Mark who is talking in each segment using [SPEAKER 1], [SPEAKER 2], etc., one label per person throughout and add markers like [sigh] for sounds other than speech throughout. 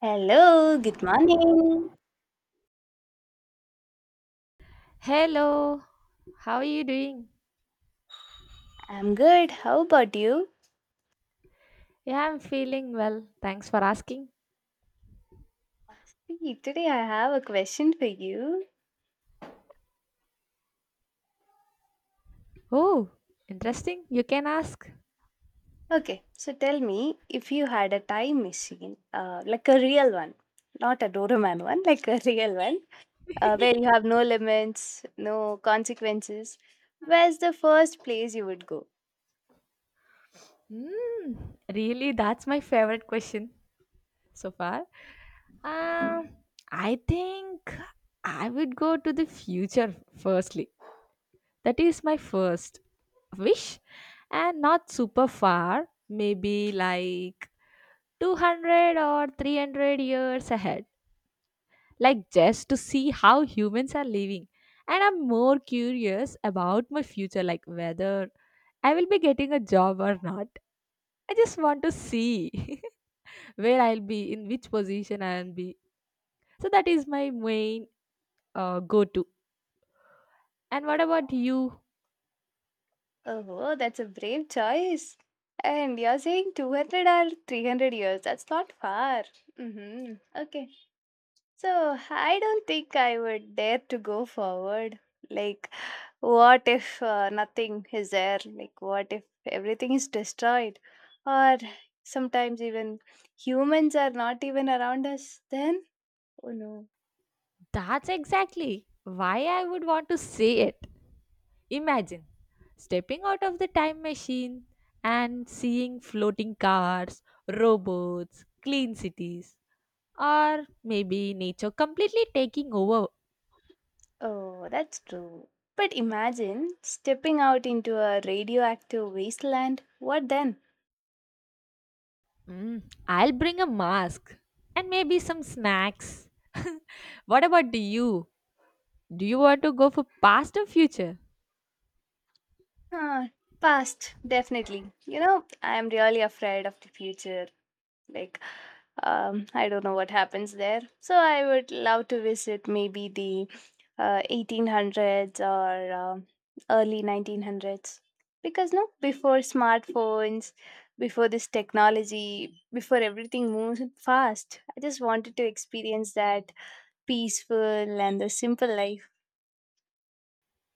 [SPEAKER 1] Hello, good morning.
[SPEAKER 2] Hello, how are you doing?
[SPEAKER 1] I'm good. How about you?
[SPEAKER 2] Yeah, I'm feeling well. Thanks for asking.
[SPEAKER 1] See, today I have a question for you.
[SPEAKER 2] Oh, interesting. You can ask.
[SPEAKER 1] Okay, so tell me if you had a time machine, like a real one, not a Doraemon one, like a [laughs] real one, where you have no limits, no consequences, where's the first place you would go?
[SPEAKER 2] Hmm, really, that's my favorite question so far. Um, I think I would go to the future firstly. That is my first wish, and not super far, maybe like 200 or 300 years ahead. Like just to see how humans are living. And I'm more curious about my future, like whether I will be getting a job or not. I just want to see [laughs] where I'll be, in which position I'll be. So that is my main go to. And what about you?
[SPEAKER 1] Oh, that's a brave choice. And you're saying 200 or 300 years. That's not far. Mm-hmm. Okay. So I don't think I would dare to go forward. Like, what if nothing is there? Like, what if everything is destroyed? Or sometimes even humans are not even around us then? Oh no.
[SPEAKER 2] That's exactly why I would want to say it. Imagine stepping out of the time machine and seeing floating cars, robots, clean cities, or maybe nature completely taking over.
[SPEAKER 1] Oh, that's true. But imagine stepping out into a radioactive wasteland. What then?
[SPEAKER 2] Mm, I'll bring a mask and maybe some snacks. What about you? Do you want to go for past or future?
[SPEAKER 1] Huh, past, definitely. You know, I am really afraid of the future. Like, I don't know what happens there. So I would love to visit maybe the 1800s or early 1900s, because no, before smartphones, before this technology, before everything moves fast, I just wanted to experience that peaceful and the simple life.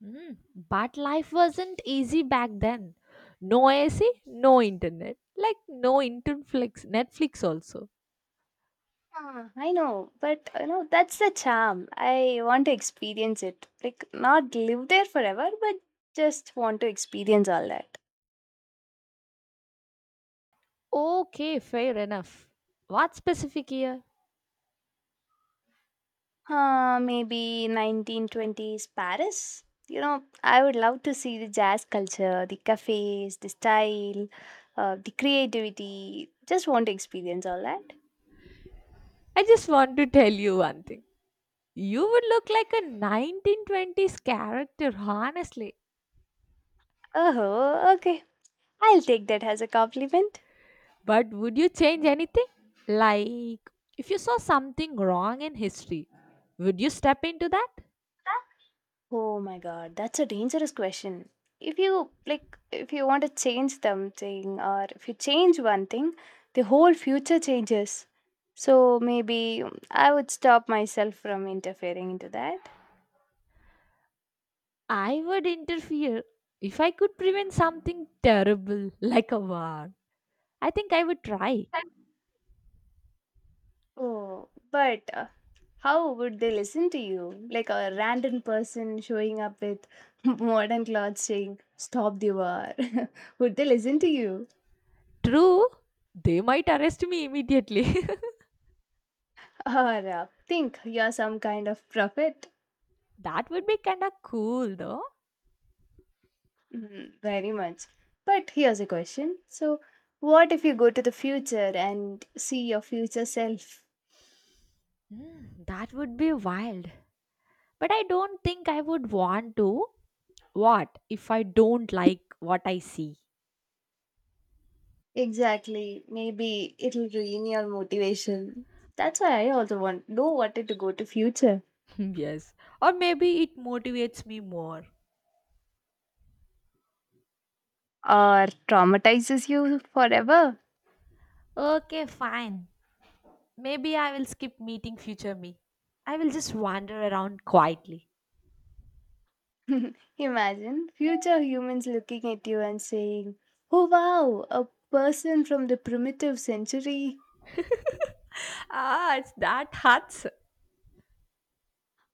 [SPEAKER 2] Mm, but life wasn't easy back then. No AC, no internet. Like no Interflix, Netflix also.
[SPEAKER 1] Ah, I know, but that's the charm. I want to experience it, like not live there forever, but just want to experience all that.
[SPEAKER 2] Okay, fair enough. What specific year?
[SPEAKER 1] Maybe 1920s Paris. You know, I would love to see the jazz culture, the cafes, the style, the creativity. Just want to experience all that.
[SPEAKER 2] I just want to tell you one thing. You would look like a 1920s character, honestly.
[SPEAKER 1] Oh, okay. I'll take that as a compliment.
[SPEAKER 2] But would you change anything? Like, if you saw something wrong in history, would you step into that?
[SPEAKER 1] Oh my god, that's a dangerous question. If you want to change something, or if you change one thing, the whole future changes. So maybe I would stop myself from interfering into that.
[SPEAKER 2] I would interfere. If I could prevent something terrible, like a war, I think I would try.
[SPEAKER 1] Oh, but how would they listen to you? Like a random person showing up with [laughs] modern clothes saying, "Stop the war." [laughs] Would they listen to you?
[SPEAKER 2] True, they might arrest me immediately. [laughs]
[SPEAKER 1] Or think you're some kind of prophet?
[SPEAKER 2] That would be kinda cool though.
[SPEAKER 1] Mm, very much. But here's a question. So, what if you go to the future and see your future self?
[SPEAKER 2] Hmm, that would be wild. But I don't think I would want to. What if I don't like what I see?
[SPEAKER 1] Exactly. Maybe it'll ruin your motivation. That's why I also wanted to go to future.
[SPEAKER 2] [laughs] Yes. Or maybe it motivates me more.
[SPEAKER 1] Or traumatizes you forever.
[SPEAKER 2] Okay, fine. Maybe I will skip meeting future me. I will just wander around quietly.
[SPEAKER 1] [laughs] Imagine future humans looking at you and saying, "Oh wow, a person from the primitive century."
[SPEAKER 2] Ah, it's that hurts.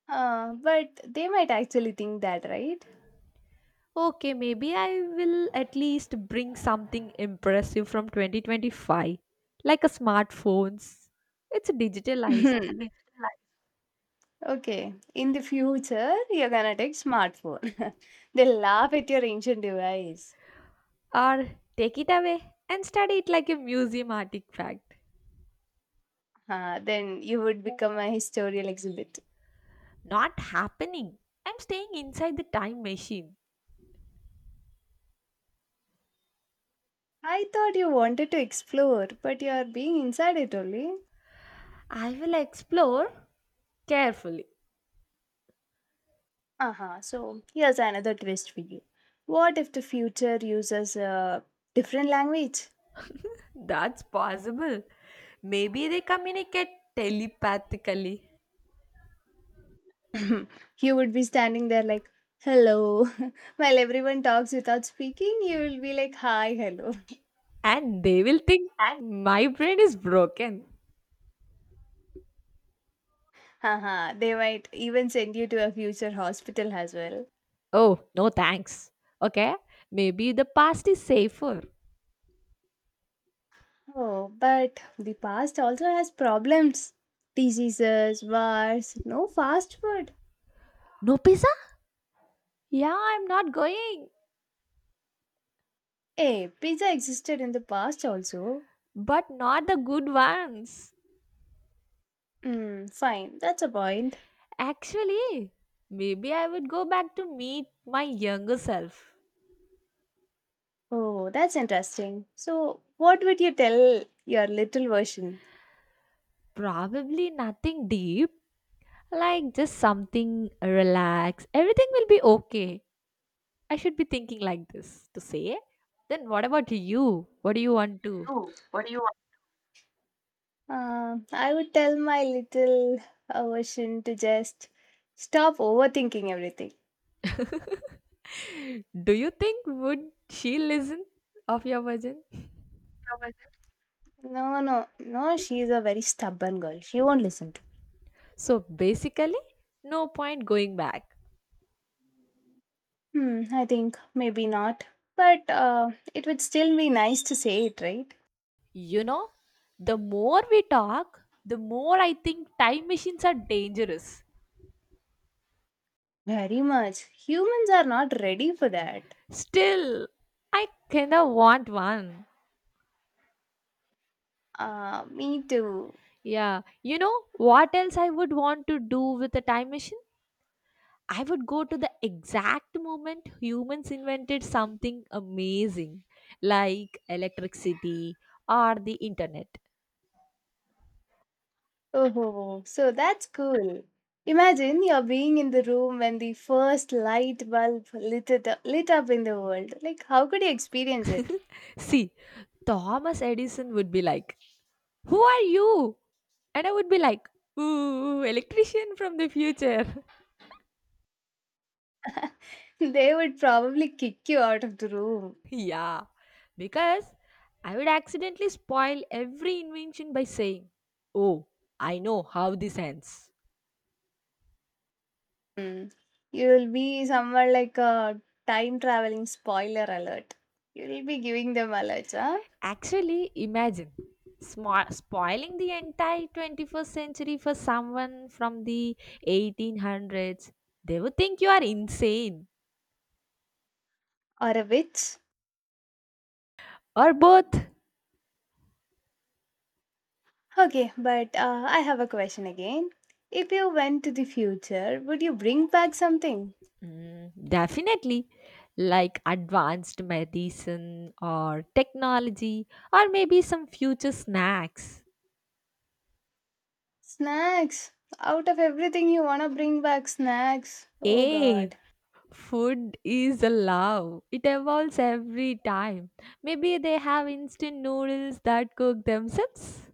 [SPEAKER 1] But they might actually think that, right?
[SPEAKER 2] Okay, maybe I will at least bring something impressive from 2025, like a smartphones. It's digitalized.
[SPEAKER 1] [laughs] Okay, in the future, you're gonna take smartphone. [laughs] They laugh at your ancient device.
[SPEAKER 2] Or take it away and study it like a museum artifact.
[SPEAKER 1] Then you would become a historical exhibit.
[SPEAKER 2] Not happening. I'm staying inside the time machine.
[SPEAKER 1] I thought you wanted to explore, but you are being inside it only.
[SPEAKER 2] I will explore carefully.
[SPEAKER 1] Uh-huh. So here's another twist for you. What if the future uses a different language?
[SPEAKER 2] That's possible. Maybe they communicate telepathically
[SPEAKER 1] [laughs] You would be standing there like, "Hello." [laughs] While everyone talks without speaking, you will be like, "Hi, hello.
[SPEAKER 2] and they will think
[SPEAKER 1] Hi."
[SPEAKER 2] my brain is broken.
[SPEAKER 1] Uh huh. They might even send you to a future hospital as well.
[SPEAKER 2] Oh, no thanks. Okay, maybe the past is safer.
[SPEAKER 1] Oh, but the past also has problems. Diseases, wars, no fast food.
[SPEAKER 2] No pizza? Yeah, I'm not going,
[SPEAKER 1] Hey, pizza existed in the past also.
[SPEAKER 2] but not the good ones.
[SPEAKER 1] Hmm, fine, that's a point.
[SPEAKER 2] Actually, maybe I would go back to meet my younger self.
[SPEAKER 1] Oh, that's interesting. So, what would you tell your little version?
[SPEAKER 2] Probably nothing deep, like just something relaxed. Everything will be okay. I should be thinking like this to say. Then what about you? What do you want to?
[SPEAKER 1] You, what do you want? I would tell my little version to just stop overthinking everything.
[SPEAKER 2] [laughs] Do you think would she listen of your version?
[SPEAKER 1] No, no, no, she is a very stubborn girl. She won't listen to me.
[SPEAKER 2] So basically, no point going back.
[SPEAKER 1] Hmm, I think maybe not. But it would still be nice to say it, right?
[SPEAKER 2] You know, the more we talk, the more I think time machines are dangerous.
[SPEAKER 1] Very much. Humans are not ready for that.
[SPEAKER 2] Still, I kinda want one.
[SPEAKER 1] Me too.
[SPEAKER 2] Yeah, you know what else I would want to do with a time machine? I would go to the exact moment humans invented something amazing like electricity or the internet.
[SPEAKER 1] Oh, so that's cool. Imagine you're being in the room when the first light bulb lit up in the world. Like, how could you experience it?
[SPEAKER 2] [laughs] See, Thomas Edison would be like, who are you? And I would be like, ooh, electrician from the future.
[SPEAKER 1] [laughs] They would probably kick you out of the room.
[SPEAKER 2] [laughs] Yeah, because I would accidentally spoil every invention by saying, oh, I know how this ends.
[SPEAKER 1] Hmm. You'll be somewhere like a time traveling spoiler alert. You'll be giving them alerts, huh?
[SPEAKER 2] Actually, imagine spoiling the entire 21st century for someone from the 1800s. They would think you are insane
[SPEAKER 1] Or a witch.
[SPEAKER 2] or both.
[SPEAKER 1] Okay, but I have a question again. If you went to the future, would you bring back something?
[SPEAKER 2] Mm, definitely, like advanced medicine or technology, or maybe some future snacks.
[SPEAKER 1] Snacks. Out of everything, you wanna bring back snacks. Oh
[SPEAKER 2] A
[SPEAKER 1] god.
[SPEAKER 2] food is a love, it evolves every time. Maybe they have instant noodles that cook themselves.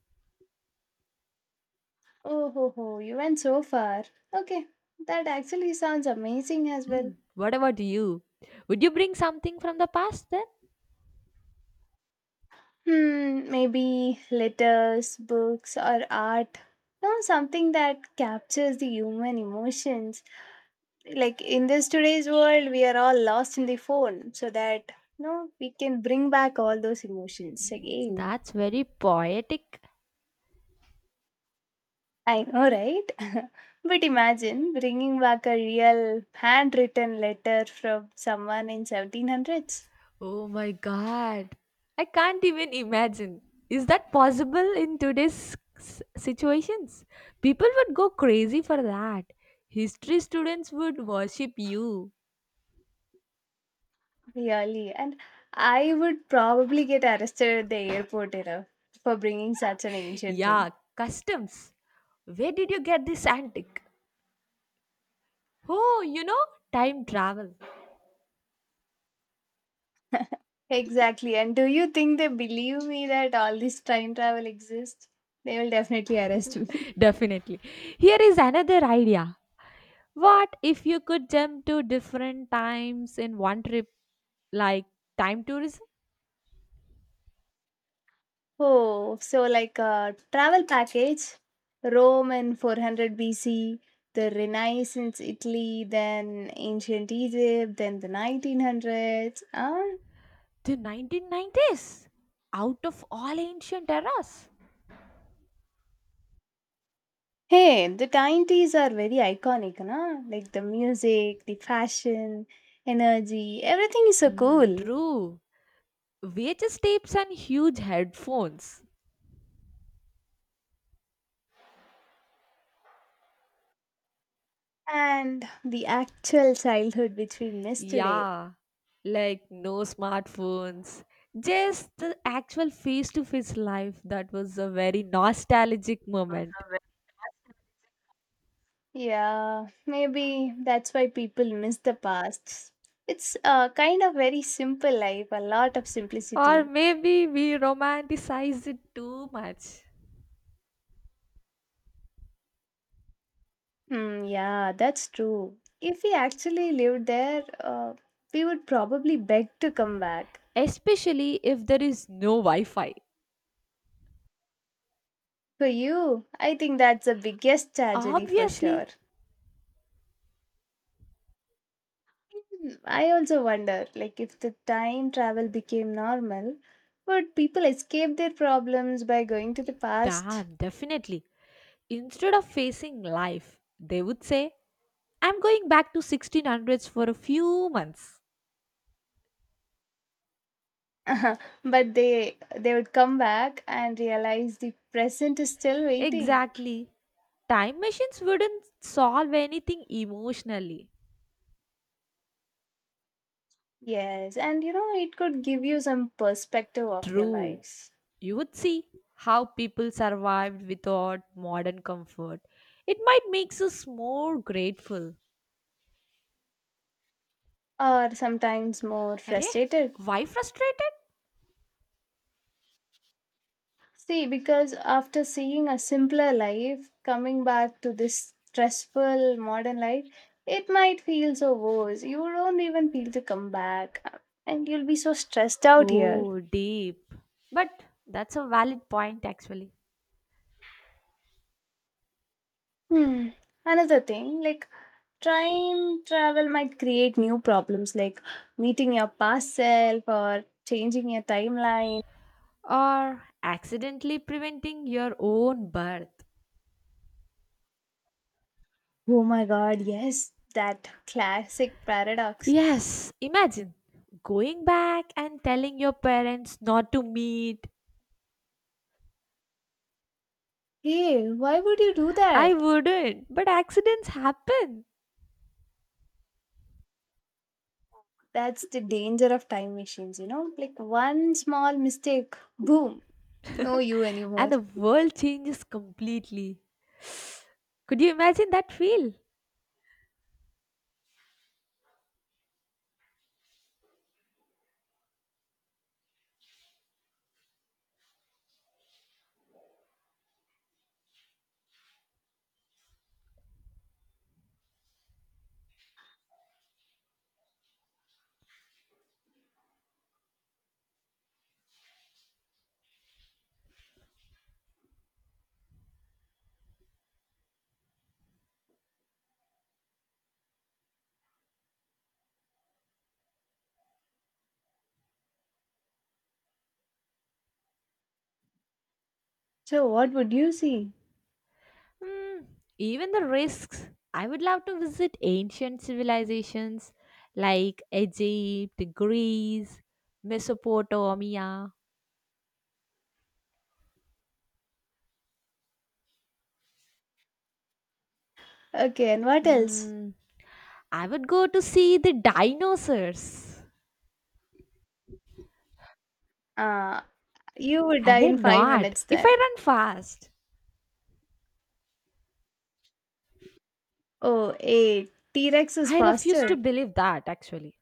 [SPEAKER 1] Oh ho ho, you went so far. Okay, that actually sounds amazing as well.
[SPEAKER 2] Mm, what about you? Would you bring something from the past then?
[SPEAKER 1] Hmm, maybe letters, books, or art. No, something that captures the human emotions. Like in this today's world, we are all lost in the phone, so that, no, we can bring back all those emotions
[SPEAKER 2] Mm,
[SPEAKER 1] again.
[SPEAKER 2] That's very poetic.
[SPEAKER 1] I know, right? [laughs] But imagine bringing back a real handwritten letter from someone in 1700s.
[SPEAKER 2] Oh my god. I can't even imagine. Is that possible in today's situations? People would go crazy for that. History students would worship you.
[SPEAKER 1] Really. And I would probably get arrested at the airport, for bringing such an ancient thing.
[SPEAKER 2] Yeah, customs. Where did you get this antique? Oh, you know, time travel.
[SPEAKER 1] Exactly. And do you think they believe me that all this time travel exists? They will definitely arrest me. [laughs]
[SPEAKER 2] Definitely. Here is another idea. What if you could jump to different times in one trip, like time tourism
[SPEAKER 1] Oh, so like a travel package: Rome in 400 BC, the Renaissance Italy, then ancient Egypt, then the 1900s. Ah,
[SPEAKER 2] to 1990s, out of all ancient eras?
[SPEAKER 1] hey, the 90s are very iconic, na? Like the music, the fashion, energy, everything is so
[SPEAKER 2] Mm,
[SPEAKER 1] cool.
[SPEAKER 2] true. VHS tapes and huge headphones.
[SPEAKER 1] And the actual childhood which we miss today.
[SPEAKER 2] Yeah, like no smartphones. Just the actual face to face life that was a very nostalgic moment.
[SPEAKER 1] Yeah, maybe that's why people miss the past. It's a kind of very simple life, a lot of
[SPEAKER 2] Or
[SPEAKER 1] simplicity.
[SPEAKER 2] maybe we romanticize it too much.
[SPEAKER 1] Hmm, yeah, that's true. If we actually lived there, we would probably beg to come back.
[SPEAKER 2] Especially if there is no Wi Fi.
[SPEAKER 1] For you, I think that's the biggest tragedy for
[SPEAKER 2] Obviously,
[SPEAKER 1] sure. Hmm, I also wonder, like, if the time travel became normal, would people escape their problems by going to the past?
[SPEAKER 2] damn, definitely. Instead of facing life, they would say, I'm going back to 1600s for a few months.
[SPEAKER 1] [laughs] But they would come back and realize the present is still waiting.
[SPEAKER 2] Exactly. Time machines wouldn't solve anything emotionally.
[SPEAKER 1] Yes, and you know it could give you some perspective of your
[SPEAKER 2] True.
[SPEAKER 1] lives,
[SPEAKER 2] You would see how people survived without modern comfort. It might makes us more grateful.
[SPEAKER 1] or sometimes more
[SPEAKER 2] Arey,
[SPEAKER 1] frustrated.
[SPEAKER 2] why frustrated?
[SPEAKER 1] See, because after seeing a simpler life, coming back to this stressful modern life, it might feel so worse. You don't even feel to come back, and you'll be so stressed out here.
[SPEAKER 2] Oh, deep. But that's a valid point actually.
[SPEAKER 1] Hmm. Another thing, like time travel might create new problems, like meeting your past self or changing your timeline.
[SPEAKER 2] Or accidentally preventing your own birth.
[SPEAKER 1] Oh my god, yes, that classic paradox.
[SPEAKER 2] Yes, imagine going back and telling your parents not to meet.
[SPEAKER 1] Hey, why would you do
[SPEAKER 2] I
[SPEAKER 1] that?
[SPEAKER 2] wouldn't, but accidents happen
[SPEAKER 1] That's the danger of time machines, you know? Like one small mistake, boom, no you
[SPEAKER 2] and
[SPEAKER 1] anymore.
[SPEAKER 2] the world changes completely. Could you imagine that feel?
[SPEAKER 1] So, what would you see?
[SPEAKER 2] Hmm, even the risks. I would love to visit ancient civilizations like Egypt, Greece, Mesopotamia.
[SPEAKER 1] Okay, and what else?
[SPEAKER 2] Mm, I would go to see the dinosaurs.
[SPEAKER 1] Uh, you would
[SPEAKER 2] Are
[SPEAKER 1] die in five
[SPEAKER 2] not?
[SPEAKER 1] minutes
[SPEAKER 2] If I
[SPEAKER 1] then.
[SPEAKER 2] run fast,
[SPEAKER 1] Oh, hey, T Rex is
[SPEAKER 2] I refuse to
[SPEAKER 1] faster.
[SPEAKER 2] believe that actually.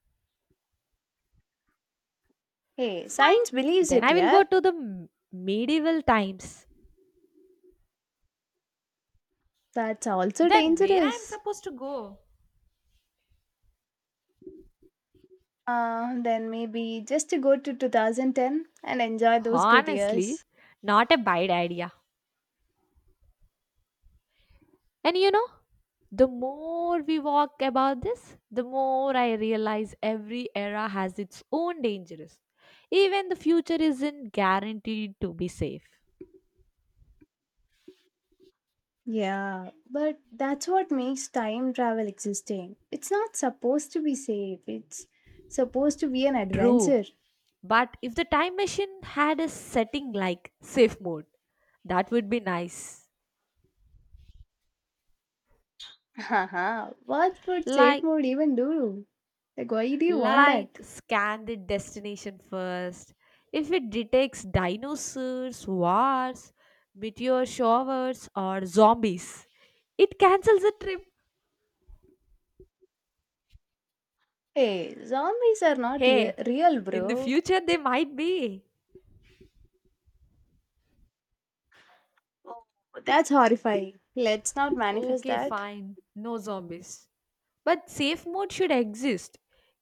[SPEAKER 1] Hey,
[SPEAKER 2] Fine.
[SPEAKER 1] science believes
[SPEAKER 2] Then
[SPEAKER 1] it,
[SPEAKER 2] I will
[SPEAKER 1] yeah.
[SPEAKER 2] go to the medieval times.
[SPEAKER 1] That's also
[SPEAKER 2] Then where I am
[SPEAKER 1] dangerous.
[SPEAKER 2] supposed to go?
[SPEAKER 1] Then maybe just to go to 2010 and enjoy those good
[SPEAKER 2] Honestly,
[SPEAKER 1] years.
[SPEAKER 2] not a bad idea. And you know, the more we walk about this, the more I realize every era has its own dangers. Even the future isn't guaranteed to be safe.
[SPEAKER 1] Yeah, but that's what makes time travel existing. It's not supposed to be safe, it's supposed to be an
[SPEAKER 2] True.
[SPEAKER 1] adventure.
[SPEAKER 2] But if the time machine had a setting like safe mode, that would be nice.
[SPEAKER 1] Haha, what would safe
[SPEAKER 2] Like
[SPEAKER 1] mode even do? Like, why do you want? Like, that?
[SPEAKER 2] scan the destination first. If it detects dinosaurs, wars, meteor showers or zombies, it cancels the trip.
[SPEAKER 1] Hey, zombies are not
[SPEAKER 2] Hey,
[SPEAKER 1] real,
[SPEAKER 2] in the
[SPEAKER 1] bro.
[SPEAKER 2] future they might be.
[SPEAKER 1] Oh, that's horrifying. Let's not manifest
[SPEAKER 2] Okay,
[SPEAKER 1] that.
[SPEAKER 2] fine. No zombies. But safe mode should exist.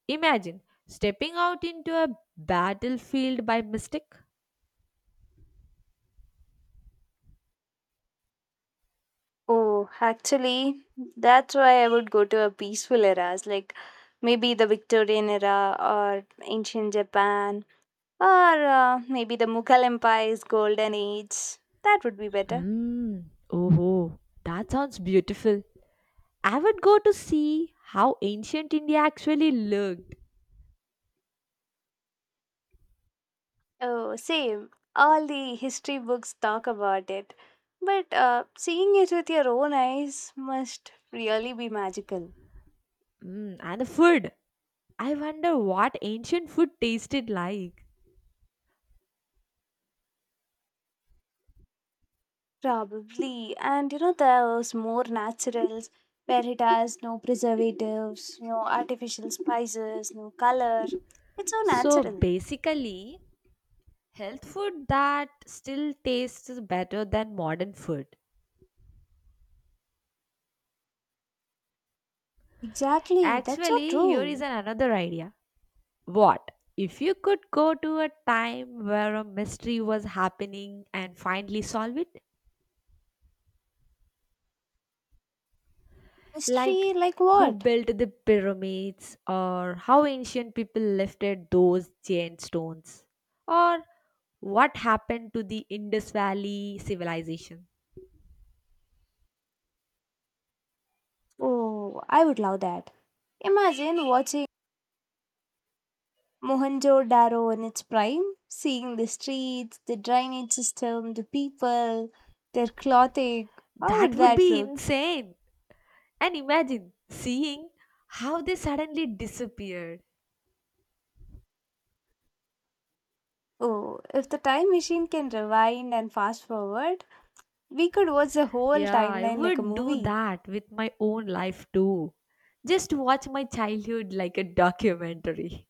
[SPEAKER 2] Imagine stepping out into a battlefield by mistake.
[SPEAKER 1] Oh, actually, that's why I would go to a peaceful eras, like maybe the Victorian era or ancient Japan, or maybe the Mughal Empire's golden age. That would be better.
[SPEAKER 2] Mm, oh, that sounds beautiful. I would go to see how ancient India actually looked.
[SPEAKER 1] Oh, same. All the history books talk about it. But seeing it with your own eyes must really be magical.
[SPEAKER 2] Mm, and the food. I wonder what ancient food tasted like.
[SPEAKER 1] Probably. And you know, there's more naturals, where it has no preservatives, no artificial spices, no color. It's so
[SPEAKER 2] So
[SPEAKER 1] natural.
[SPEAKER 2] basically, health food that still tastes better than modern food.
[SPEAKER 1] Exactly, that's so
[SPEAKER 2] Actually, here is
[SPEAKER 1] true.
[SPEAKER 2] another idea. What if you could go to a time where a mystery was happening and finally solve it? Like
[SPEAKER 1] History like
[SPEAKER 2] who
[SPEAKER 1] what?
[SPEAKER 2] built the pyramids, or how ancient people lifted those giant stones, or what happened to the Indus Valley civilization?
[SPEAKER 1] Oh, I would love that. Imagine watching Mohenjo Daro in its prime, seeing the streets, the drainage system, the people, their clothing. How
[SPEAKER 2] That
[SPEAKER 1] would
[SPEAKER 2] would
[SPEAKER 1] that
[SPEAKER 2] be
[SPEAKER 1] look?
[SPEAKER 2] insane. And imagine seeing how they suddenly disappeared.
[SPEAKER 1] Oh, if the time machine can rewind and fast forward, we could watch the whole
[SPEAKER 2] Yeah, I
[SPEAKER 1] timeline like a
[SPEAKER 2] would do
[SPEAKER 1] movie.
[SPEAKER 2] that with my own life too. Just watch my childhood like a documentary.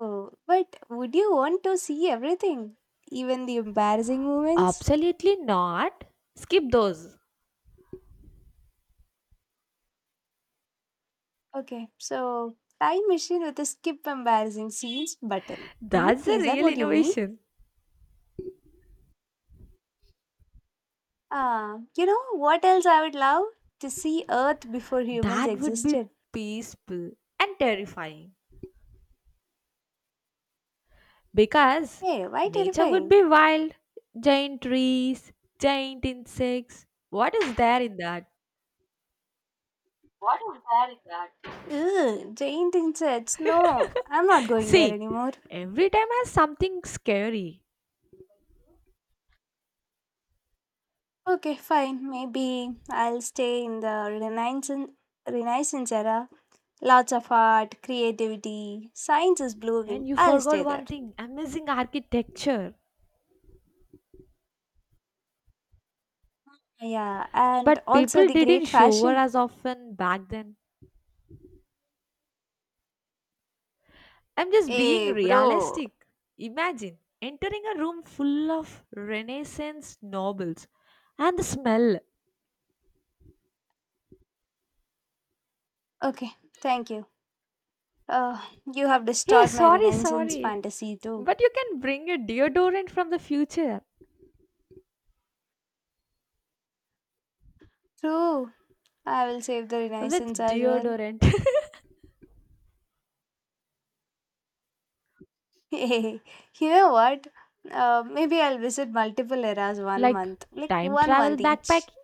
[SPEAKER 1] Oh, but would you want to see everything? Even the embarrassing moments?
[SPEAKER 2] Absolutely not. Skip those.
[SPEAKER 1] Okay, so time machine with a skip embarrassing scenes button.
[SPEAKER 2] That's a
[SPEAKER 1] Is that
[SPEAKER 2] real
[SPEAKER 1] what you mean?
[SPEAKER 2] innovation.
[SPEAKER 1] Ah, you know what else I would love? To see Earth before humans
[SPEAKER 2] That would be
[SPEAKER 1] existed.
[SPEAKER 2] peaceful and terrifying because
[SPEAKER 1] Hey, why
[SPEAKER 2] nature would
[SPEAKER 1] terrifying?
[SPEAKER 2] be wild. Giant trees, giant insects. What is there in that?
[SPEAKER 1] What is that in that? Ugh, giant insects. No, I'm not going there
[SPEAKER 2] See,
[SPEAKER 1] anymore.
[SPEAKER 2] every time has something scary.
[SPEAKER 1] Okay, fine. Maybe I'll stay in the Renaissance era. Lots of art, creativity, science is blooming.
[SPEAKER 2] And you
[SPEAKER 1] I'll
[SPEAKER 2] forgot
[SPEAKER 1] stay there.
[SPEAKER 2] one thing, amazing architecture.
[SPEAKER 1] Yeah, and
[SPEAKER 2] But
[SPEAKER 1] also
[SPEAKER 2] people
[SPEAKER 1] the
[SPEAKER 2] didn't
[SPEAKER 1] great
[SPEAKER 2] shower
[SPEAKER 1] fashion.
[SPEAKER 2] as often back then. I'm just being
[SPEAKER 1] Hey, bro.
[SPEAKER 2] realistic. Imagine entering a room full of Renaissance nobles and the smell.
[SPEAKER 1] Okay, thank you. Uh, you have
[SPEAKER 2] Hey,
[SPEAKER 1] destroyed my
[SPEAKER 2] sorry,
[SPEAKER 1] Renaissance
[SPEAKER 2] sorry.
[SPEAKER 1] fantasy too.
[SPEAKER 2] But you can bring a deodorant from the future
[SPEAKER 1] True. I will save the
[SPEAKER 2] with
[SPEAKER 1] Renaissance as well.
[SPEAKER 2] deodorant.
[SPEAKER 1] [laughs] Hey, you know what? Maybe I'll visit multiple eras
[SPEAKER 2] [laughs]
[SPEAKER 1] one
[SPEAKER 2] Like
[SPEAKER 1] month, like
[SPEAKER 2] time
[SPEAKER 1] one
[SPEAKER 2] travel
[SPEAKER 1] month each.
[SPEAKER 2] backpacking?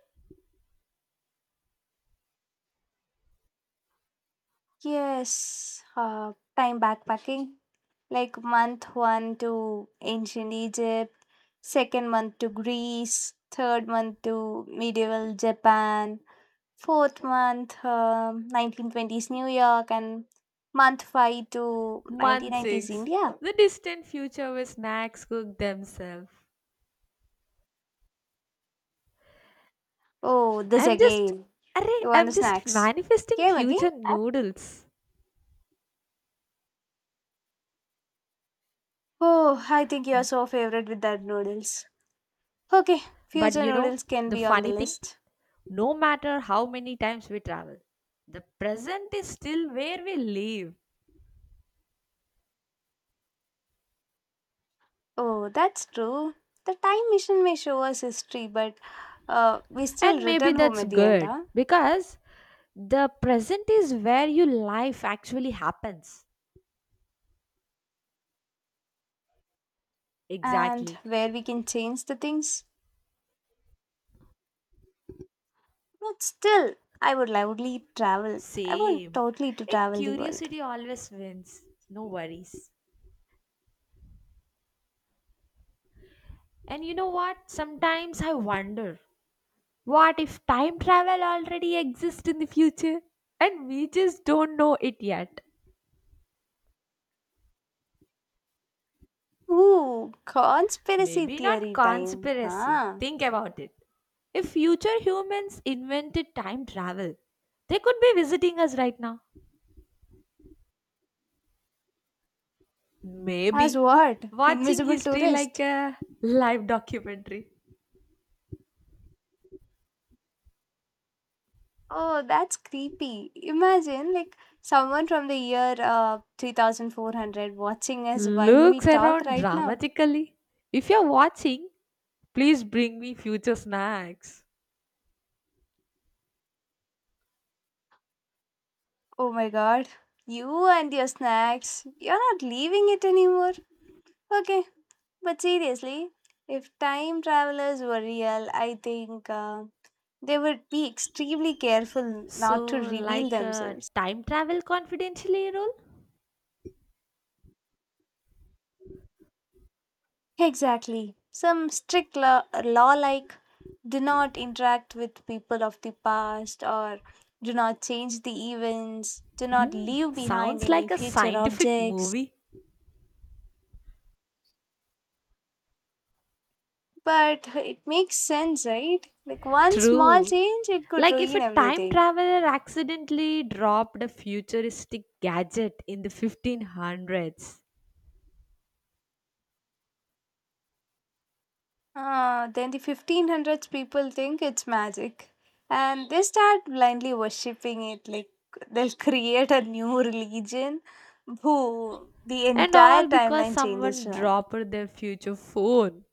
[SPEAKER 1] Yes, time backpacking. Like month one to ancient Egypt, second month to Greece, third month to medieval Japan, fourth month 1920s New York, and month five to
[SPEAKER 2] Month
[SPEAKER 1] 1990s
[SPEAKER 2] 6.
[SPEAKER 1] India.
[SPEAKER 2] The distant future where snacks cook themselves.
[SPEAKER 1] Oh, this
[SPEAKER 2] I'm just.
[SPEAKER 1] again.
[SPEAKER 2] Array,
[SPEAKER 1] You want
[SPEAKER 2] I'm
[SPEAKER 1] the
[SPEAKER 2] just
[SPEAKER 1] snacks?
[SPEAKER 2] manifesting
[SPEAKER 1] Came again?
[SPEAKER 2] future noodles.
[SPEAKER 1] Oh, I think you are so favorite with that noodles. Okay,
[SPEAKER 2] But
[SPEAKER 1] future
[SPEAKER 2] you know,
[SPEAKER 1] noodles can
[SPEAKER 2] the
[SPEAKER 1] be on the
[SPEAKER 2] funny thing,
[SPEAKER 1] list.
[SPEAKER 2] no matter how many times we travel, the present is still where we live.
[SPEAKER 1] Oh, that's true. The time machine may show us history, but we still
[SPEAKER 2] And maybe
[SPEAKER 1] return home
[SPEAKER 2] that's
[SPEAKER 1] at the end,
[SPEAKER 2] good
[SPEAKER 1] huh?
[SPEAKER 2] because the present is where your life actually happens.
[SPEAKER 1] And
[SPEAKER 2] Exactly.
[SPEAKER 1] where we can change the things. But still, I would loudly travel. I want
[SPEAKER 2] Same.
[SPEAKER 1] totally to
[SPEAKER 2] A
[SPEAKER 1] travel the world.
[SPEAKER 2] curiosity always wins. No worries. And you know what? Sometimes I wonder what if time travel already exists in the future and we just don't know it yet?
[SPEAKER 1] Ooh, conspiracy
[SPEAKER 2] Maybe not
[SPEAKER 1] theory time,
[SPEAKER 2] conspiracy.
[SPEAKER 1] huh?
[SPEAKER 2] Think about it. If future humans invented time travel, they could be visiting us right now.
[SPEAKER 1] As
[SPEAKER 2] Maybe
[SPEAKER 1] what?
[SPEAKER 2] watching
[SPEAKER 1] Invisible
[SPEAKER 2] history like
[SPEAKER 1] tourist.
[SPEAKER 2] a live documentary.
[SPEAKER 1] Oh, that's creepy. Imagine, like, someone from the year 3400 watching us while we
[SPEAKER 2] Looks
[SPEAKER 1] talk
[SPEAKER 2] around
[SPEAKER 1] right now.
[SPEAKER 2] dramatically. If you're watching, please bring me future snacks.
[SPEAKER 1] Oh my god, you and your snacks. You're not leaving it anymore. Okay, but seriously, if time travelers were real, I think they would be extremely careful not to
[SPEAKER 2] So,
[SPEAKER 1] reveal
[SPEAKER 2] like a
[SPEAKER 1] themselves.
[SPEAKER 2] time travel confidentially role?
[SPEAKER 1] Exactly. Some strict law like do not interact with people of the past, or do not change the events, do not
[SPEAKER 2] Hmm,
[SPEAKER 1] leave behind
[SPEAKER 2] sounds
[SPEAKER 1] any
[SPEAKER 2] like a
[SPEAKER 1] future
[SPEAKER 2] scientific
[SPEAKER 1] objects.
[SPEAKER 2] movie.
[SPEAKER 1] But it makes sense, right? Like one small
[SPEAKER 2] True.
[SPEAKER 1] change, it could
[SPEAKER 2] Like if
[SPEAKER 1] ruin
[SPEAKER 2] a time
[SPEAKER 1] everything.
[SPEAKER 2] traveler accidentally dropped a futuristic gadget in the 1500s,
[SPEAKER 1] Ah, then the 1500s people think it's magic and they start blindly worshipping it. Like they'll [laughs] create a new religion who the
[SPEAKER 2] and
[SPEAKER 1] entire
[SPEAKER 2] all because
[SPEAKER 1] timeline changes
[SPEAKER 2] someone
[SPEAKER 1] one.
[SPEAKER 2] dropped their future phone.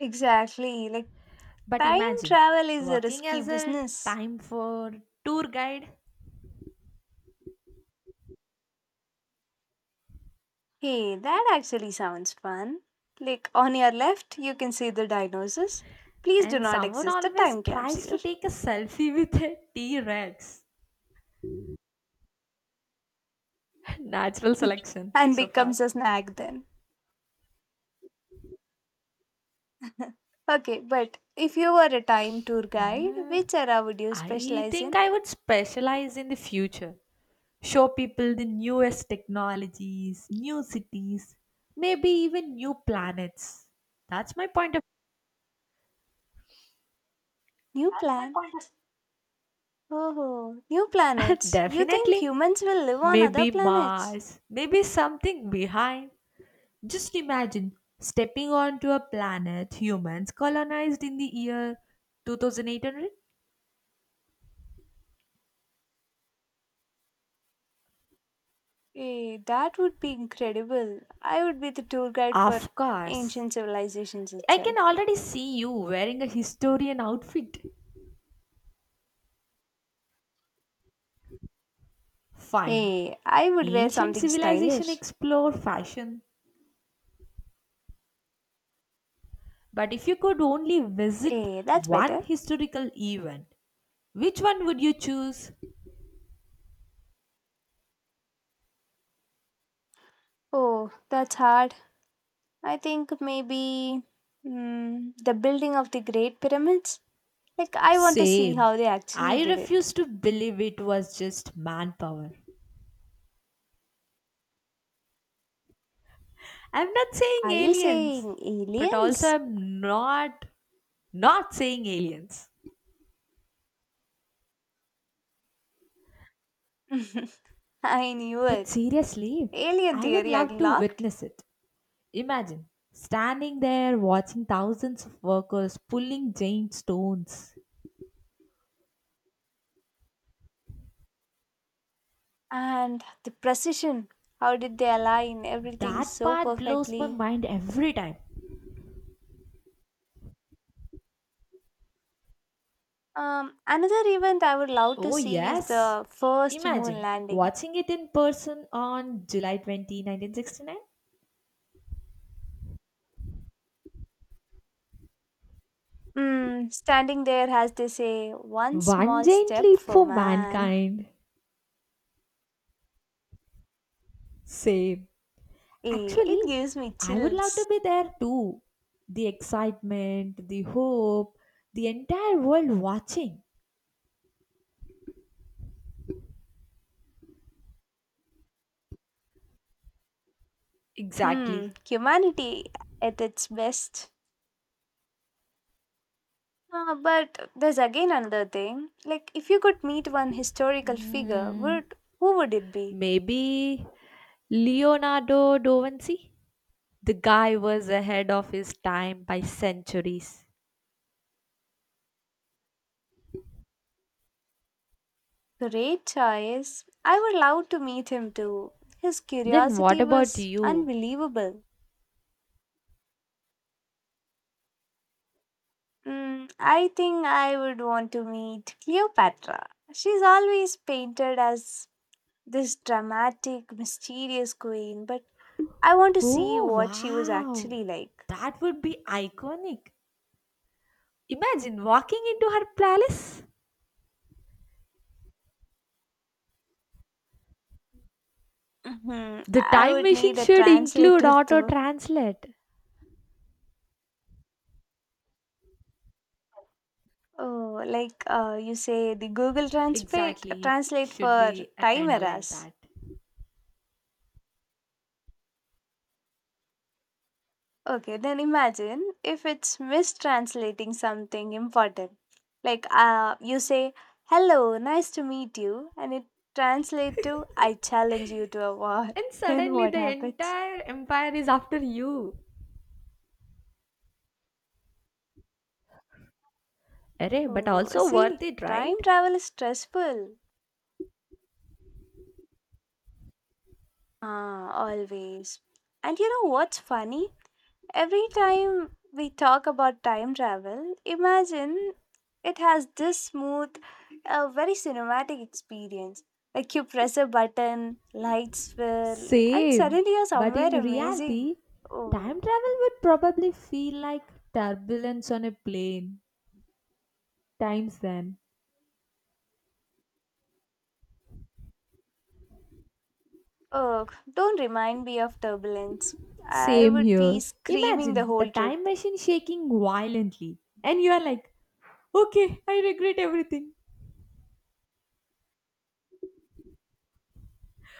[SPEAKER 1] Exactly. Like
[SPEAKER 2] But
[SPEAKER 1] time
[SPEAKER 2] imagine
[SPEAKER 1] travel is a
[SPEAKER 2] working
[SPEAKER 1] risky
[SPEAKER 2] as a
[SPEAKER 1] business.
[SPEAKER 2] time for tour guide,
[SPEAKER 1] Hey, that actually sounds fun. Like on your left, you can see the dinosaurs. Please do
[SPEAKER 2] and
[SPEAKER 1] not
[SPEAKER 2] someone
[SPEAKER 1] exist the
[SPEAKER 2] always
[SPEAKER 1] time
[SPEAKER 2] tries to
[SPEAKER 1] capsule.
[SPEAKER 2] take a selfie with a T Rex. [laughs] Natural selection
[SPEAKER 1] [laughs] And
[SPEAKER 2] so far.
[SPEAKER 1] becomes a snack then. [laughs] Okay, but if you were a time tour guide, which era would you
[SPEAKER 2] I
[SPEAKER 1] specialize
[SPEAKER 2] think
[SPEAKER 1] in?
[SPEAKER 2] I would specialize in the future. Show people the newest technologies, new cities, maybe even new planets. That's my point
[SPEAKER 1] New, that's plan. Oh, new
[SPEAKER 2] of. [laughs]
[SPEAKER 1] planets. You think
[SPEAKER 2] Definitely.
[SPEAKER 1] humans will live on other
[SPEAKER 2] Maybe
[SPEAKER 1] planets?
[SPEAKER 2] Mars, maybe something behind. Just imagine stepping onto a planet humans colonized in the year 2800.
[SPEAKER 1] Eh, that would be incredible. I would be the tour guide for
[SPEAKER 2] Of course.
[SPEAKER 1] ancient civilizations
[SPEAKER 2] I can
[SPEAKER 1] itself.
[SPEAKER 2] already see you wearing a historian outfit. Fine.
[SPEAKER 1] Hey, I would wear
[SPEAKER 2] Ancient
[SPEAKER 1] something
[SPEAKER 2] civilization
[SPEAKER 1] stylish.
[SPEAKER 2] explore fashion. But if you could only visit
[SPEAKER 1] Hey, that's
[SPEAKER 2] one
[SPEAKER 1] better.
[SPEAKER 2] historical event, which one would you choose?
[SPEAKER 1] Oh, that's hard. I think maybe the building of the Great Pyramids. Like, I want to see
[SPEAKER 2] Same.
[SPEAKER 1] how they actually
[SPEAKER 2] I
[SPEAKER 1] did it.
[SPEAKER 2] refuse to believe it was just manpower. I'm not saying
[SPEAKER 1] Are you
[SPEAKER 2] aliens,
[SPEAKER 1] saying
[SPEAKER 2] but also
[SPEAKER 1] aliens?
[SPEAKER 2] I'm not not saying aliens.
[SPEAKER 1] [laughs] I knew
[SPEAKER 2] But
[SPEAKER 1] it.
[SPEAKER 2] seriously,
[SPEAKER 1] Alien
[SPEAKER 2] I would
[SPEAKER 1] theory, I
[SPEAKER 2] love to
[SPEAKER 1] locked.
[SPEAKER 2] witness it. Imagine standing there watching thousands of workers pulling giant stones.
[SPEAKER 1] And the precision. How did they align everything
[SPEAKER 2] That
[SPEAKER 1] so
[SPEAKER 2] part blows my
[SPEAKER 1] perfectly?
[SPEAKER 2] mind every time.
[SPEAKER 1] Another event I would love to
[SPEAKER 2] Oh,
[SPEAKER 1] see is
[SPEAKER 2] yes.
[SPEAKER 1] the first moon
[SPEAKER 2] Imagine
[SPEAKER 1] landing.
[SPEAKER 2] watching it in person on July 20, 1969.
[SPEAKER 1] Mm, standing there, as they say, one
[SPEAKER 2] One
[SPEAKER 1] small
[SPEAKER 2] giant
[SPEAKER 1] step
[SPEAKER 2] leap
[SPEAKER 1] for
[SPEAKER 2] for
[SPEAKER 1] man.
[SPEAKER 2] mankind. Same.
[SPEAKER 1] Eh, it
[SPEAKER 2] Actually,
[SPEAKER 1] gives me
[SPEAKER 2] I would love to
[SPEAKER 1] chills.
[SPEAKER 2] be there too. The excitement, the hope, the entire world watching.
[SPEAKER 1] Hmm,
[SPEAKER 2] Exactly.
[SPEAKER 1] humanity at its best. But there's again another thing. Like, if you could meet one historical figure,
[SPEAKER 2] Hmm.
[SPEAKER 1] would who would it be?
[SPEAKER 2] Maybe Leonardo da Vinci? The guy was ahead of his time by centuries.
[SPEAKER 1] Great choice. I would love to meet him too. His
[SPEAKER 2] Then what
[SPEAKER 1] curiosity
[SPEAKER 2] about
[SPEAKER 1] was
[SPEAKER 2] you?
[SPEAKER 1] unbelievable. Mm, I think I would want to meet Cleopatra. She's always painted as this dramatic, mysterious queen, but I want to see
[SPEAKER 2] Oh,
[SPEAKER 1] what she was
[SPEAKER 2] wow.
[SPEAKER 1] actually like.
[SPEAKER 2] That would be iconic. Imagine walking into her palace.
[SPEAKER 1] Mhm.
[SPEAKER 2] The
[SPEAKER 1] I
[SPEAKER 2] time
[SPEAKER 1] would
[SPEAKER 2] machine
[SPEAKER 1] need a
[SPEAKER 2] should include
[SPEAKER 1] translator [laughs]
[SPEAKER 2] auto
[SPEAKER 1] though.
[SPEAKER 2] translate.
[SPEAKER 1] Oh, like you say the Google Translate
[SPEAKER 2] Exactly, it
[SPEAKER 1] translate
[SPEAKER 2] should
[SPEAKER 1] for
[SPEAKER 2] be a
[SPEAKER 1] time
[SPEAKER 2] kind of like
[SPEAKER 1] errors.
[SPEAKER 2] that.
[SPEAKER 1] Okay, then imagine if it's mistranslating something important. Like you say, "Hello, nice to meet you," and it translates to "I challenge you to a war."
[SPEAKER 2] And
[SPEAKER 1] [laughs] Then
[SPEAKER 2] suddenly
[SPEAKER 1] what
[SPEAKER 2] the
[SPEAKER 1] happens?
[SPEAKER 2] entire empire is after you. Array, but
[SPEAKER 1] Oh,
[SPEAKER 2] also
[SPEAKER 1] see,
[SPEAKER 2] worth it, right?
[SPEAKER 1] time travel is stressful. Ah, always. And you know what's funny? Every time we talk about time travel, imagine it has this smooth, very cinematic experience. Like you press a button, lights swirl, and
[SPEAKER 2] Same.
[SPEAKER 1] suddenly you're
[SPEAKER 2] But
[SPEAKER 1] somewhere
[SPEAKER 2] in
[SPEAKER 1] amazing.
[SPEAKER 2] reality, time
[SPEAKER 1] Oh,
[SPEAKER 2] travel would probably feel like turbulence on a plane. Times then.
[SPEAKER 1] oh, don't remind me of turbulence. I
[SPEAKER 2] Same
[SPEAKER 1] would be
[SPEAKER 2] here.
[SPEAKER 1] screaming the
[SPEAKER 2] Imagine the
[SPEAKER 1] whole trip.
[SPEAKER 2] time machine shaking violently, and you are like, okay, I regret everything.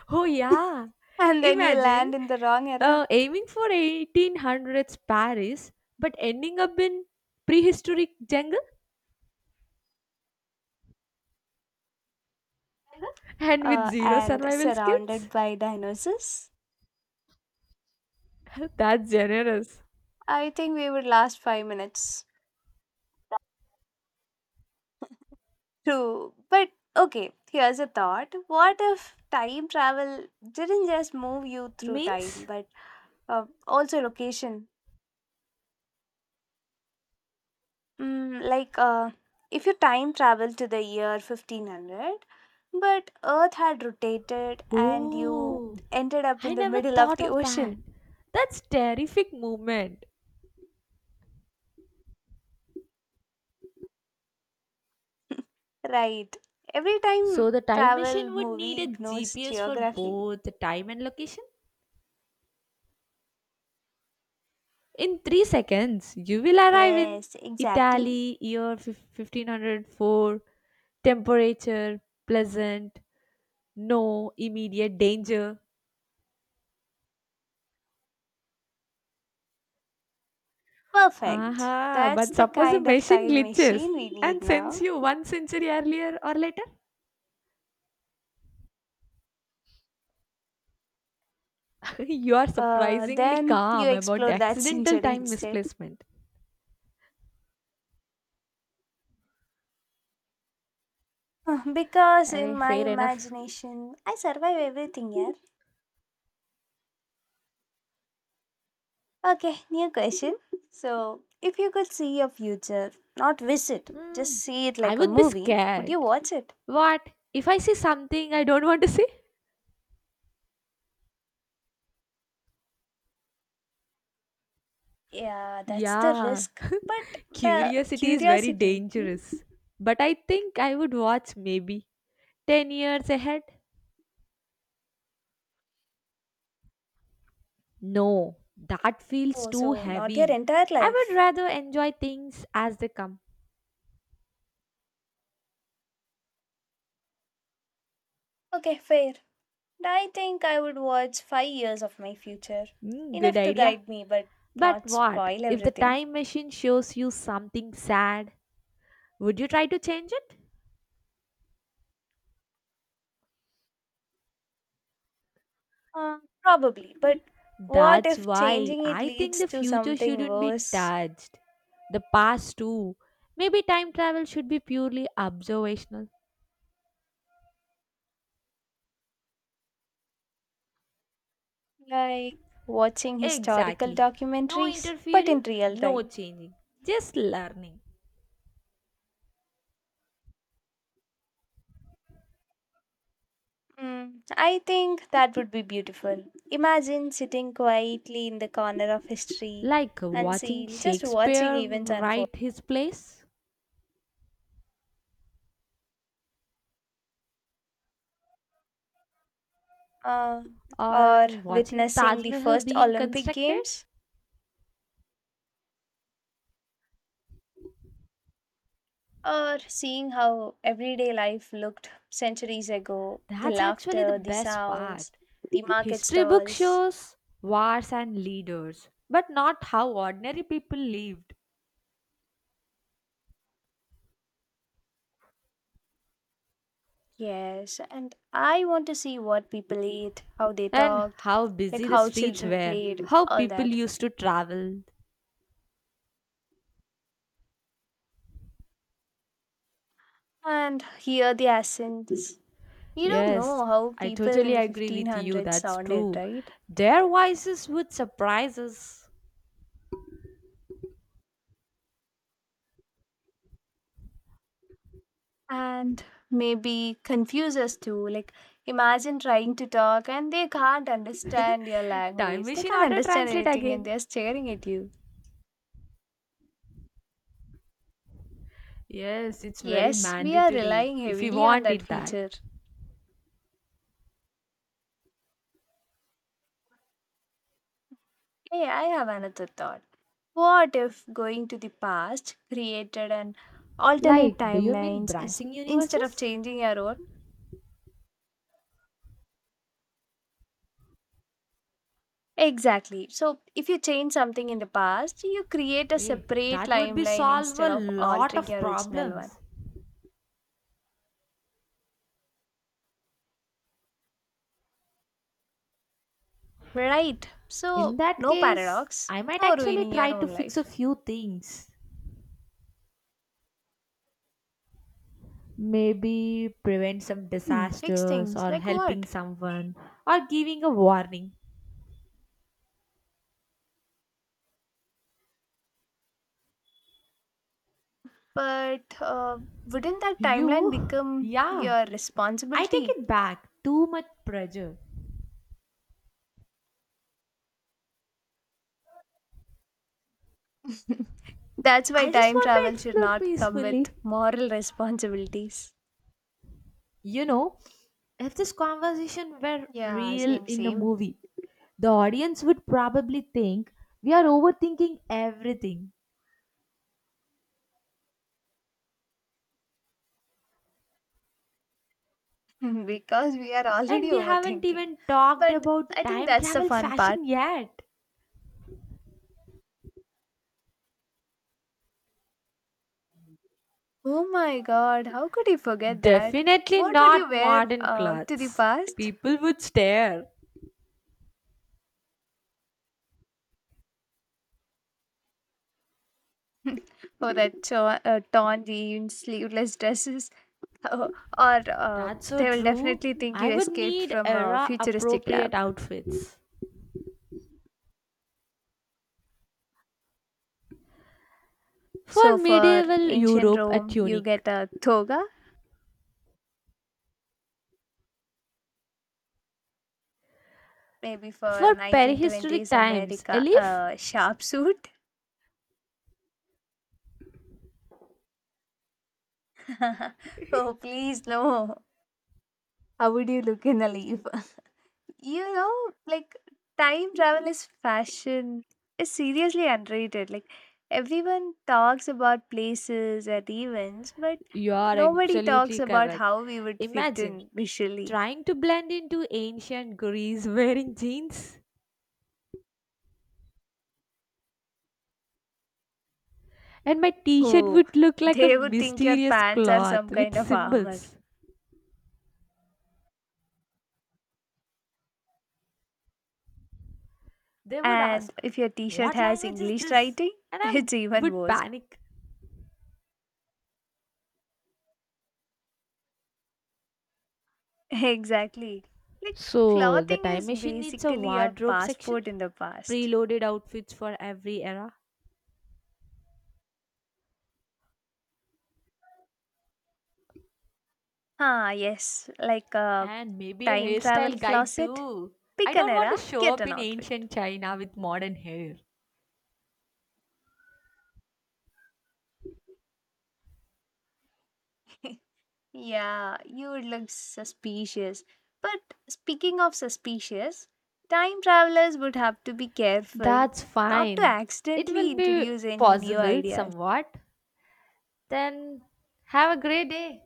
[SPEAKER 2] Oh, yeah.
[SPEAKER 1] [laughs] And then you
[SPEAKER 2] Imagine
[SPEAKER 1] land in the wrong era
[SPEAKER 2] aiming for 1800s Paris, but ending up in prehistoric jungle and with zero
[SPEAKER 1] and
[SPEAKER 2] survival
[SPEAKER 1] surrounded
[SPEAKER 2] skills.
[SPEAKER 1] by dinosaurs.
[SPEAKER 2] [laughs] That's generous.
[SPEAKER 1] I think we would last five minutes. True, but okay, here's a thought. What if time travel didn't just move you through time,
[SPEAKER 2] Means,
[SPEAKER 1] but also location? Mm, like, if you time travel to the year 1500, but Earth had rotated and you
[SPEAKER 2] oh,
[SPEAKER 1] ended up
[SPEAKER 2] I
[SPEAKER 1] in the
[SPEAKER 2] never
[SPEAKER 1] middle of
[SPEAKER 2] thought
[SPEAKER 1] the
[SPEAKER 2] of that.
[SPEAKER 1] ocean.
[SPEAKER 2] That's terrific moment.
[SPEAKER 1] [laughs] Right. Every time
[SPEAKER 2] So the time
[SPEAKER 1] travel
[SPEAKER 2] machine would need
[SPEAKER 1] movie
[SPEAKER 2] a
[SPEAKER 1] ignores
[SPEAKER 2] GPS for
[SPEAKER 1] geography.
[SPEAKER 2] both the time and location. In 3 seconds, you will arrive in
[SPEAKER 1] Yes, exactly.
[SPEAKER 2] Italy, year 1504, temperature pleasant, no immediate danger.
[SPEAKER 1] Perfect.
[SPEAKER 2] Aha,
[SPEAKER 1] That's
[SPEAKER 2] but
[SPEAKER 1] the
[SPEAKER 2] suppose the
[SPEAKER 1] kind of
[SPEAKER 2] machine
[SPEAKER 1] time
[SPEAKER 2] glitches
[SPEAKER 1] machine we need
[SPEAKER 2] and
[SPEAKER 1] now.
[SPEAKER 2] sends you one century earlier or later? [laughs] You are surprisingly
[SPEAKER 1] Then you
[SPEAKER 2] calm about the
[SPEAKER 1] explore that [laughs]
[SPEAKER 2] accidental
[SPEAKER 1] century
[SPEAKER 2] time
[SPEAKER 1] instead.
[SPEAKER 2] misplacement.
[SPEAKER 1] [laughs] Because
[SPEAKER 2] Arey,
[SPEAKER 1] in my
[SPEAKER 2] fair enough.
[SPEAKER 1] imagination, I survive everything, yeah. Okay, new question. So, if you could see your future, not visit,
[SPEAKER 2] Hmm,
[SPEAKER 1] just see it
[SPEAKER 2] I
[SPEAKER 1] like a
[SPEAKER 2] would be
[SPEAKER 1] movie, would
[SPEAKER 2] scared.
[SPEAKER 1] you watch it?
[SPEAKER 2] What? If I see something I don't want to see?
[SPEAKER 1] Yeah, that's the
[SPEAKER 2] Yeah,
[SPEAKER 1] risk. But the
[SPEAKER 2] curiosity is very
[SPEAKER 1] curiosity. Hmm?
[SPEAKER 2] dangerous. But I think I would watch maybe 10 years ahead. No, that feels
[SPEAKER 1] Oh,
[SPEAKER 2] too
[SPEAKER 1] so not your
[SPEAKER 2] heavy.
[SPEAKER 1] entire
[SPEAKER 2] I would
[SPEAKER 1] life.
[SPEAKER 2] rather enjoy things as they come.
[SPEAKER 1] Okay, fair. I think I would watch 5 years of my future.
[SPEAKER 2] Hmm, good
[SPEAKER 1] Enough to
[SPEAKER 2] idea.
[SPEAKER 1] guide me, but
[SPEAKER 2] But
[SPEAKER 1] not
[SPEAKER 2] what
[SPEAKER 1] spoil
[SPEAKER 2] if the
[SPEAKER 1] everything.
[SPEAKER 2] time machine shows you something sad? Would you try to change it?
[SPEAKER 1] Probably, but what
[SPEAKER 2] That's
[SPEAKER 1] if
[SPEAKER 2] why
[SPEAKER 1] changing it
[SPEAKER 2] I think
[SPEAKER 1] leads
[SPEAKER 2] the
[SPEAKER 1] to
[SPEAKER 2] future
[SPEAKER 1] something
[SPEAKER 2] shouldn't be
[SPEAKER 1] worse,
[SPEAKER 2] touched. The past, too. Maybe time travel should be purely observational.
[SPEAKER 1] like watching historical
[SPEAKER 2] Exactly. No
[SPEAKER 1] documentaries, but
[SPEAKER 2] interfering,
[SPEAKER 1] in real
[SPEAKER 2] no
[SPEAKER 1] time?
[SPEAKER 2] changing, just learning.
[SPEAKER 1] Mm, I think that would be beautiful. Imagine sitting quietly in the corner of history
[SPEAKER 2] Like
[SPEAKER 1] and
[SPEAKER 2] watching
[SPEAKER 1] seeing just watching
[SPEAKER 2] Shakespeare
[SPEAKER 1] events unfold,
[SPEAKER 2] write his plays
[SPEAKER 1] uh, or
[SPEAKER 2] or watching
[SPEAKER 1] witnessing
[SPEAKER 2] Taj
[SPEAKER 1] the
[SPEAKER 2] Mahal
[SPEAKER 1] first
[SPEAKER 2] being
[SPEAKER 1] Olympic
[SPEAKER 2] constructed.
[SPEAKER 1] Games. Or seeing how everyday life looked centuries ago, the
[SPEAKER 2] That's actually the
[SPEAKER 1] laughter, the
[SPEAKER 2] best
[SPEAKER 1] sounds,
[SPEAKER 2] part.
[SPEAKER 1] the market
[SPEAKER 2] History book
[SPEAKER 1] stalls.
[SPEAKER 2] shows wars and leaders, but not how ordinary people lived.
[SPEAKER 1] Yes, and I want to see what people ate, how they
[SPEAKER 2] And
[SPEAKER 1] talked,
[SPEAKER 2] how busy
[SPEAKER 1] like
[SPEAKER 2] the
[SPEAKER 1] how
[SPEAKER 2] streets
[SPEAKER 1] children
[SPEAKER 2] were,
[SPEAKER 1] played,
[SPEAKER 2] how
[SPEAKER 1] all
[SPEAKER 2] people
[SPEAKER 1] that,
[SPEAKER 2] used to travel.
[SPEAKER 1] and hear the accents. You don't
[SPEAKER 2] Yes,
[SPEAKER 1] know how
[SPEAKER 2] I
[SPEAKER 1] people in
[SPEAKER 2] totally
[SPEAKER 1] the
[SPEAKER 2] agree with you.
[SPEAKER 1] 1500s
[SPEAKER 2] That's
[SPEAKER 1] sounded,
[SPEAKER 2] true.
[SPEAKER 1] right?
[SPEAKER 2] Their voices would surprise us.
[SPEAKER 1] And maybe confuses too. Like, imagine trying to talk and they can't understand your
[SPEAKER 2] Time
[SPEAKER 1] language. They
[SPEAKER 2] machine
[SPEAKER 1] can't
[SPEAKER 2] auto
[SPEAKER 1] understand
[SPEAKER 2] translate
[SPEAKER 1] anything and
[SPEAKER 2] again.
[SPEAKER 1] they're staring at you.
[SPEAKER 2] Yes, it's very
[SPEAKER 1] Yes, we are
[SPEAKER 2] mandatory
[SPEAKER 1] relying
[SPEAKER 2] if we
[SPEAKER 1] heavily on
[SPEAKER 2] want
[SPEAKER 1] that
[SPEAKER 2] it that.
[SPEAKER 1] feature. Hey, I have another thought. What if going to the past created an alternate
[SPEAKER 2] Like, do you mean
[SPEAKER 1] timelines is,
[SPEAKER 2] branching
[SPEAKER 1] instead of
[SPEAKER 2] universes?
[SPEAKER 1] changing your own? Exactly. So, if you change something in the past, you create a
[SPEAKER 2] Eh,
[SPEAKER 1] separate
[SPEAKER 2] that would be
[SPEAKER 1] timeline
[SPEAKER 2] solve a
[SPEAKER 1] instead of
[SPEAKER 2] lot
[SPEAKER 1] altering
[SPEAKER 2] of
[SPEAKER 1] your original
[SPEAKER 2] problems.
[SPEAKER 1] one. Right.
[SPEAKER 2] In
[SPEAKER 1] So,
[SPEAKER 2] that
[SPEAKER 1] no
[SPEAKER 2] case,
[SPEAKER 1] paradox,
[SPEAKER 2] I might
[SPEAKER 1] no
[SPEAKER 2] actually
[SPEAKER 1] ruining
[SPEAKER 2] try
[SPEAKER 1] your
[SPEAKER 2] to
[SPEAKER 1] own
[SPEAKER 2] fix a
[SPEAKER 1] life.
[SPEAKER 2] few things. Maybe prevent some
[SPEAKER 1] Hmm, fix
[SPEAKER 2] disasters
[SPEAKER 1] things.
[SPEAKER 2] or
[SPEAKER 1] Like
[SPEAKER 2] helping
[SPEAKER 1] what?
[SPEAKER 2] someone or giving a warning.
[SPEAKER 1] But wouldn't that timeline
[SPEAKER 2] You?
[SPEAKER 1] become
[SPEAKER 2] Yeah,
[SPEAKER 1] your
[SPEAKER 2] I take
[SPEAKER 1] responsibility?
[SPEAKER 2] it back. Too much pressure.
[SPEAKER 1] [laughs] That's why
[SPEAKER 2] I just
[SPEAKER 1] time
[SPEAKER 2] want to
[SPEAKER 1] travel should
[SPEAKER 2] explore
[SPEAKER 1] not come with
[SPEAKER 2] peacefully.
[SPEAKER 1] moral responsibilities.
[SPEAKER 2] You know, if this conversation were
[SPEAKER 1] Yeah,
[SPEAKER 2] real
[SPEAKER 1] same,
[SPEAKER 2] in a
[SPEAKER 1] same.
[SPEAKER 2] movie, the audience would probably think we are overthinking everything.
[SPEAKER 1] [laughs] Because we are
[SPEAKER 2] And
[SPEAKER 1] already
[SPEAKER 2] we haven't
[SPEAKER 1] overthinking.
[SPEAKER 2] even talked
[SPEAKER 1] But
[SPEAKER 2] about
[SPEAKER 1] I think
[SPEAKER 2] time
[SPEAKER 1] that's the
[SPEAKER 2] travel
[SPEAKER 1] fun part.
[SPEAKER 2] fashion yet.
[SPEAKER 1] Oh my god, how could you forget that?
[SPEAKER 2] Definitely
[SPEAKER 1] What would you
[SPEAKER 2] not
[SPEAKER 1] wear
[SPEAKER 2] modern
[SPEAKER 1] to the
[SPEAKER 2] clothes.
[SPEAKER 1] past?
[SPEAKER 2] People would stare.
[SPEAKER 1] [laughs] Oh, torn jeans, sleeveless dresses, [laughs] uh, or
[SPEAKER 2] That's so
[SPEAKER 1] they will
[SPEAKER 2] true.
[SPEAKER 1] definitely think
[SPEAKER 2] I
[SPEAKER 1] you
[SPEAKER 2] would
[SPEAKER 1] escaped
[SPEAKER 2] need
[SPEAKER 1] from a
[SPEAKER 2] era
[SPEAKER 1] futuristic
[SPEAKER 2] appropriate
[SPEAKER 1] lab.
[SPEAKER 2] outfits. For
[SPEAKER 1] So for
[SPEAKER 2] medieval
[SPEAKER 1] ancient
[SPEAKER 2] Europe, a
[SPEAKER 1] Rome, you
[SPEAKER 2] tunic.
[SPEAKER 1] get a toga. Maybe for
[SPEAKER 2] For prehistoric
[SPEAKER 1] 1920s
[SPEAKER 2] times, a
[SPEAKER 1] America,
[SPEAKER 2] leaf.
[SPEAKER 1] a sharp suit. [laughs] Oh, please, no. How would you look in a leaf? You know, like time travel is fashion is seriously underrated. Like everyone talks about places and events, but
[SPEAKER 2] You are
[SPEAKER 1] nobody talks
[SPEAKER 2] absolutely
[SPEAKER 1] about
[SPEAKER 2] correct.
[SPEAKER 1] how we would fit
[SPEAKER 2] Imagine
[SPEAKER 1] in visually.
[SPEAKER 2] trying to blend into ancient Greece wearing jeans. And my t shirt
[SPEAKER 1] Oh,
[SPEAKER 2] would look like a
[SPEAKER 1] they would think your
[SPEAKER 2] mysterious
[SPEAKER 1] pants are
[SPEAKER 2] cloth
[SPEAKER 1] some
[SPEAKER 2] with
[SPEAKER 1] kind of armor.
[SPEAKER 2] symbols. They would
[SPEAKER 1] And
[SPEAKER 2] ask,
[SPEAKER 1] if your t-shirt
[SPEAKER 2] what
[SPEAKER 1] has
[SPEAKER 2] language is
[SPEAKER 1] English
[SPEAKER 2] this?
[SPEAKER 1] writing,
[SPEAKER 2] And
[SPEAKER 1] [laughs]
[SPEAKER 2] I
[SPEAKER 1] it's even
[SPEAKER 2] would
[SPEAKER 1] worse.
[SPEAKER 2] panic.
[SPEAKER 1] [laughs] Exactly. Like
[SPEAKER 2] So, the
[SPEAKER 1] clothing
[SPEAKER 2] time
[SPEAKER 1] is
[SPEAKER 2] machine needs a
[SPEAKER 1] basically your
[SPEAKER 2] wardrobe section,
[SPEAKER 1] passport in the past.
[SPEAKER 2] preloaded outfits for every era.
[SPEAKER 1] Ah, yes, like a
[SPEAKER 2] And maybe a
[SPEAKER 1] time
[SPEAKER 2] hairstyle
[SPEAKER 1] travel
[SPEAKER 2] guide
[SPEAKER 1] closet.
[SPEAKER 2] too. I
[SPEAKER 1] Pick an
[SPEAKER 2] don't want to
[SPEAKER 1] era,
[SPEAKER 2] show
[SPEAKER 1] get
[SPEAKER 2] up
[SPEAKER 1] an
[SPEAKER 2] in
[SPEAKER 1] outfit.
[SPEAKER 2] ancient China with modern hair.
[SPEAKER 1] [laughs] Yeah, you would look suspicious. But speaking of suspicious, time travelers would have to be careful
[SPEAKER 2] That's
[SPEAKER 1] not to
[SPEAKER 2] fine. It
[SPEAKER 1] accidentally
[SPEAKER 2] will be
[SPEAKER 1] introduce any new
[SPEAKER 2] possible
[SPEAKER 1] ideas.
[SPEAKER 2] somewhat. Then, have a great day.